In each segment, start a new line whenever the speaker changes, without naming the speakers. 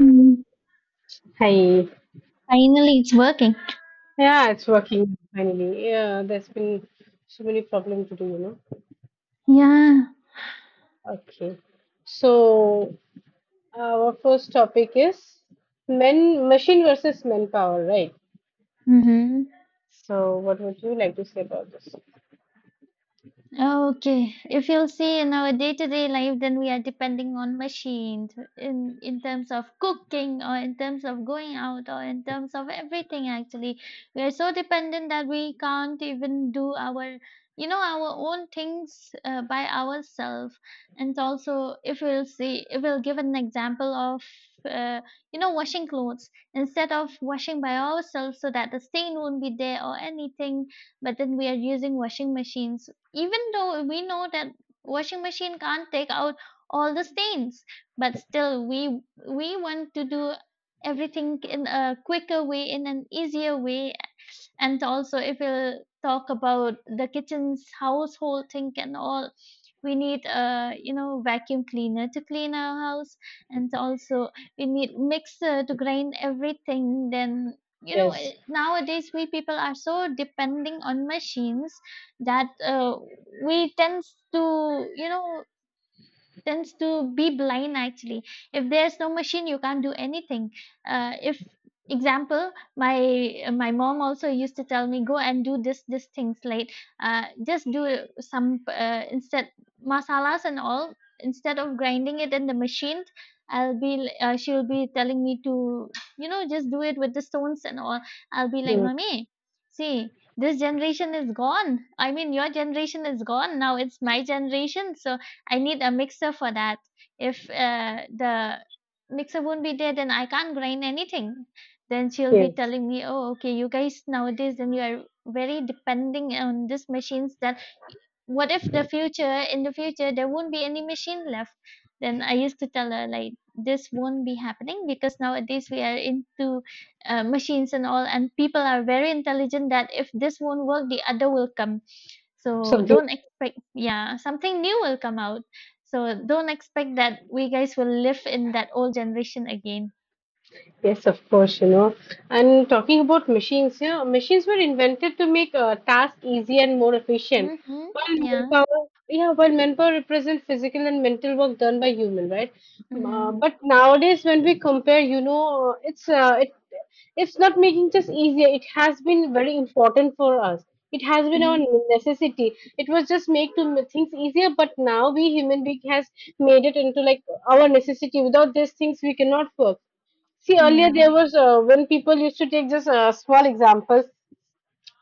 Mm,
Hi.
finally, it's working.
Yeah, it's working finally. Yeah, there's been so many problems to do.
Yeah.
Okay. So our first topic is men machine versus manpower, right?
Mhm.
So what would you like to say about this?
Okay, if you'll see in our day-to-day life, then we are depending on machines in terms of cooking or in terms of going out or in terms of everything actually. We are so dependent that we can't even do our own things by ourselves. And also, if we'll see, if we'll give an example of uh, washing clothes instead of washing by ourselves so that the stain won't be there or anything, but then we are using washing machines even though we know that washing machine can't take out all the stains, but still we want to do everything in a quicker way, in an easier way. And also, if we'll talk about the kitchen's household thing and all, we need a vacuum cleaner to clean our house, and also we need mixer to grind everything. Then
Yes.
nowadays we people are so depending on machines that we tend to tends to be blind actually. If there's no machine you can't do anything. If example, my mom also used to tell me, go and do this things late. Just do some instead masalas and all, instead of grinding it in the machine. I'll be She'll be telling me to, just do it with the stones and all. I'll be like,
Mm.
mommy, see, this generation is gone. I mean, your generation is gone, now it's my generation. So I need a mixer for that. If the mixer won't be there, then I can't grind anything. Then she'll be
Yes.
telling me, oh, okay, you guys nowadays, then you are very depending on these machines. That what if the future in the future there won't be any machine left. Then I used to tell her, like, this won't be happening because nowadays we are into machines and all, and people are very intelligent that if this won't work the other will come, so
Something.
don't expect, yeah, something new will come out. So don't expect that we guys will live in that old generation again.
Yes, of course. And talking about machines, yeah, machines were invented to make tasks easy and more efficient.
Mm-hmm.
While
Yeah.
manpower, yeah, while manpower represents physical and mental work done by human, right?
Mm-hmm.
But nowadays, when we compare, it's it's not making just easier. It has been very important for us. It has been our
Mm-hmm.
necessity. It was just make to make things easier, but now we human being has made it into like our necessity. Without these things, we cannot work. See, earlier
Yeah.
there was when people used to take just small examples.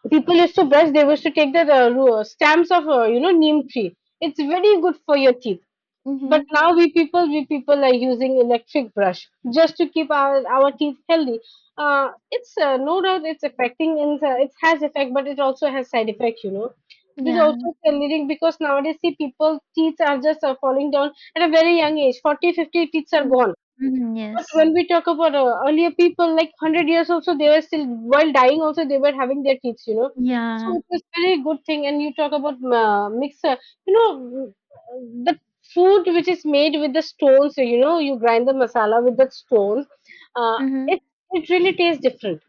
People used to brush. They used to take the stamps of neem tree. It's very good for your teeth.
Mm-hmm.
But now we people are using electric brush just to keep our teeth healthy. It's no doubt it's affecting and it has effect, but it also has side effect. This
Yeah.
also is leading because nowadays see people teeth are just falling down at a very young age. 40, 50 teeth are
Mm-hmm.
gone,
Mm-hmm.
but
Yes.
when we talk about earlier people, like 100 years also, they were still, while dying also, they were having their kids.
Yeah.
So it was very good thing. And you talk about mixer, you know, mm, the food which is made with the stones, you grind the masala with the stones, uh, it,
Mm-hmm.
it really tastes different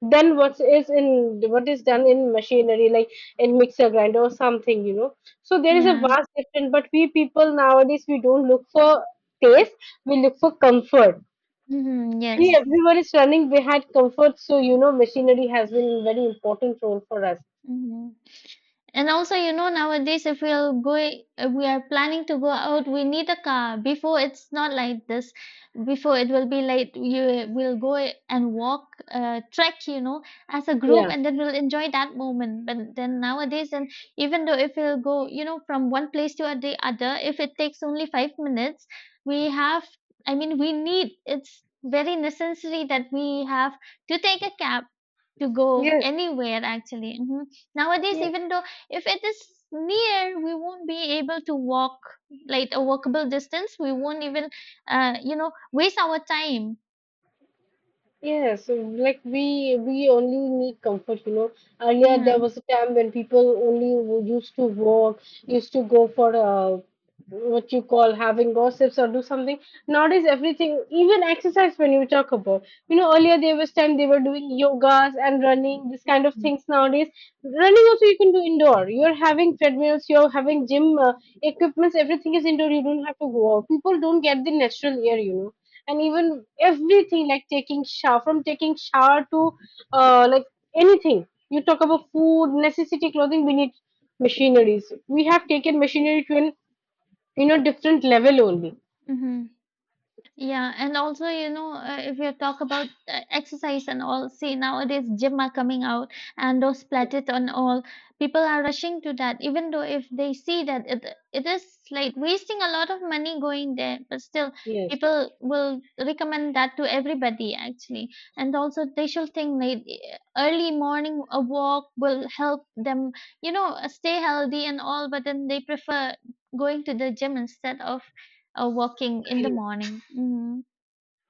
than what is done in machinery like in mixer grinder or something, so there is a
Yeah.
vast difference, but we people nowadays we don't look for taste. We look for comfort.
Mhm. Yes.
See, everyone is running behind comfort, so machinery has been a very important role for us.
Mhm. And also, you know, nowadays if we will go, if we are planning to go out, we need a car. Before it's not like this. Before it will be like, you will go and walk, trek, you know, as a group,
Yeah.
and then we'll enjoy that moment. But then nowadays, and even though if we'll go, you know, from one place to the other, if it takes only 5 minutes, we have. I mean, we need. It's very necessary that we have to take a cab to go
Yes.
anywhere. Actually, nowadays
Yeah.
even though if it is near, we won't be able to walk, like a walkable distance. We won't even, waste our time.
Yes. So, like we only need comfort. Earlier there
Yeah.
was a time when people only used to walk, used to go for what you call having gossips or do something. Nowadays everything, even exercise, when you talk about, earlier there was time they were doing yogas and running this kind of
mm
things. Nowadays running also you can do indoor, you're having treadmills, you're having gym equipments, everything is indoor, you don't have to go out, people don't get the natural air, and even everything like taking shower, from taking shower to like anything you talk about food necessity clothing, we need machineries. We have taken machinery to an different level only.
Mm-hmm. Yeah, and also, you know, if you talk about exercise and all, see, nowadays gym are coming out and those platet and all, people are rushing to that, even though if they see that it is like wasting a lot of money going there, but still
Yes.
people will recommend that to everybody actually. And also they should think, like, early morning a walk will help them, you know, stay healthy and all, but then they prefer going to the gym instead of walking in the
Yes.
morning. Mhm.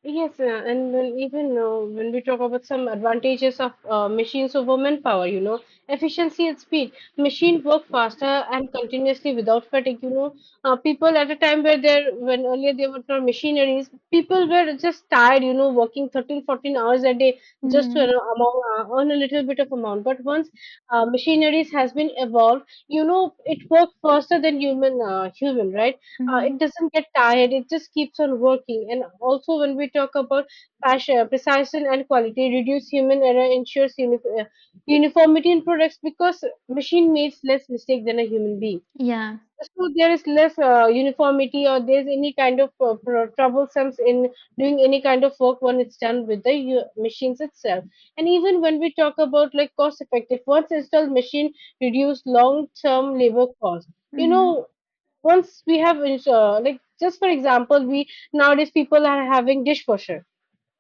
Yes, and when we talk about some advantages of machines over manpower, efficiency and speed. Machine work faster and continuously without fatigue. People at a time where they're when earlier they were not machineries, people were just tired. Working 13, 14 hours a day just to
Mhm.
you amount, uh, earn a little bit of amount. But once machineries has been evolved, it worked faster than human, right?
Mhm.
It doesn't get tired. It just keeps on working. And also when we talk about passion precision and quality reduce human error ensures uniformity in products because machine makes less mistake than a human being.
Yeah.
So there is less uniformity or there's any kind of troublesome in doing any kind of work when it's done with the machines itself. And even when we talk about like cost effective, once installed machine reduce long term labor cost. You
Mhm.
know, Once we have like just for example, we nowadays people are having dishwasher.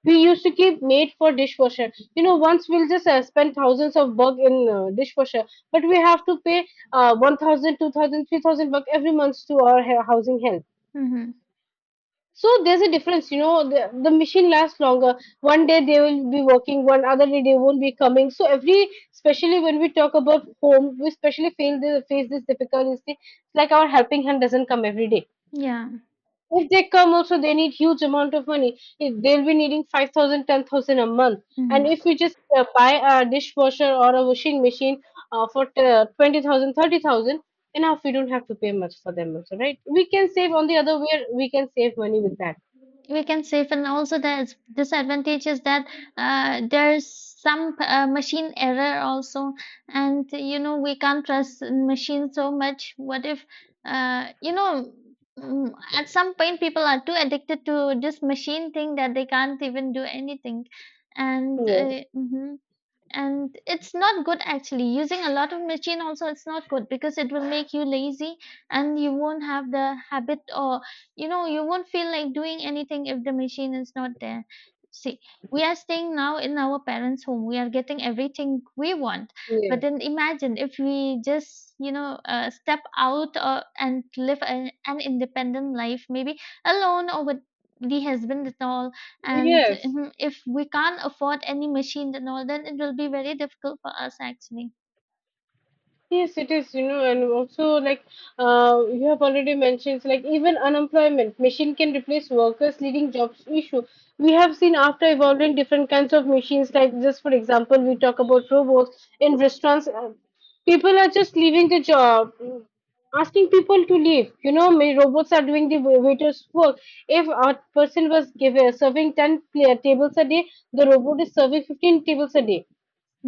We used to keep made for dishwasher. Once we'll just spend thousands of buck in dishwasher, but we have to pay 1,000, 2,000, 3,000 buck every month to our housing help.
Mhm.
So there's a difference, the machine lasts longer. One day they will be working, one other day they won't be coming. So especially when we talk about home, we especially face this difficulty. It's like our helping hand doesn't come every day.
Yeah.
If they come also, they need huge amount of money. If they'll be needing 5,000, 10,000 a month. And
Mhm.
if we just buy a dishwasher or a washing machine for 20,000, enough, we don't have to pay much for them also, right? We can save on the other way, we can save money with that.
We can save, and also the disadvantage is that there's some machine error also, and you know we can't trust machines so much. What if, uh, you know, at some point people are too addicted to this machine thing that they can't even do anything, and
Yes.
mhm. And it's not good actually, using a lot of machine also, it's not good because it will make you lazy, and you won't have the habit or, you know, you won't feel like doing anything if the machine is not there. See, we are staying now in our parents home, we are getting everything we want, but
Yes.
then imagine if we just, you know, step out or, and live an independent life, maybe alone or with the husband and all. And
Yes.
mhm, if we can't afford any machine and all, then it will be very difficult for us actually.
Yes, it is, and also like you have already mentioned, like even unemployment, machine can replace workers, leading jobs issue. We have seen after evolving different kinds of machines, like just for example, we talk about robots in restaurants. People are just leaving the job, asking people to leave. May robots are doing the waiter's work. If a person was given serving ten tables a day, the robot is serving 15 tables a day.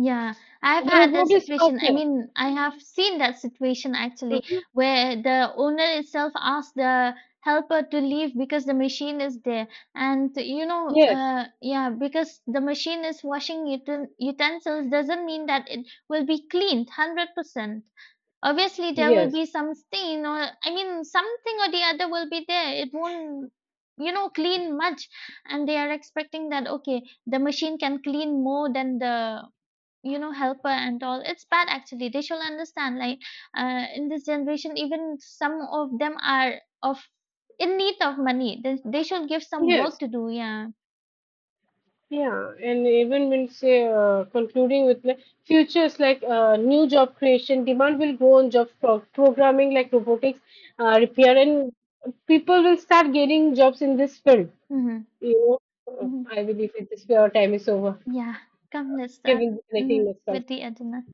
Yeah, I've
The
had that
robot is
situation. I
faster.
mean, I have seen that situation actually,
Mhm.
where the owner itself asked the helper to leave because the machine is there. And you know,
Yes.
yeah, because the machine is washing utensils doesn't mean that it will be cleaned 100%. Obviously, there will
Yes,
be some stain, or I mean, something or the other will be there. It won't, you know, clean much. And they are expecting that, okay, the machine can clean more than the, you know, helper and all. It's bad actually. They should understand. Like, in this generation, even some of them are of in need of money. They should give some work
yes,
to do. Yeah.
yeah, and even when say concluding with like futures like new job creation, demand will grow on job programming like robotics, repair, and people will start getting jobs in this field.
Mm-hmm.
You know, Uh,
Mm-hmm.
I believe that this our time is over.
Yeah. Come, let's
Okay,
start
we'll be connecting
mhm,
next time.
with the Adina.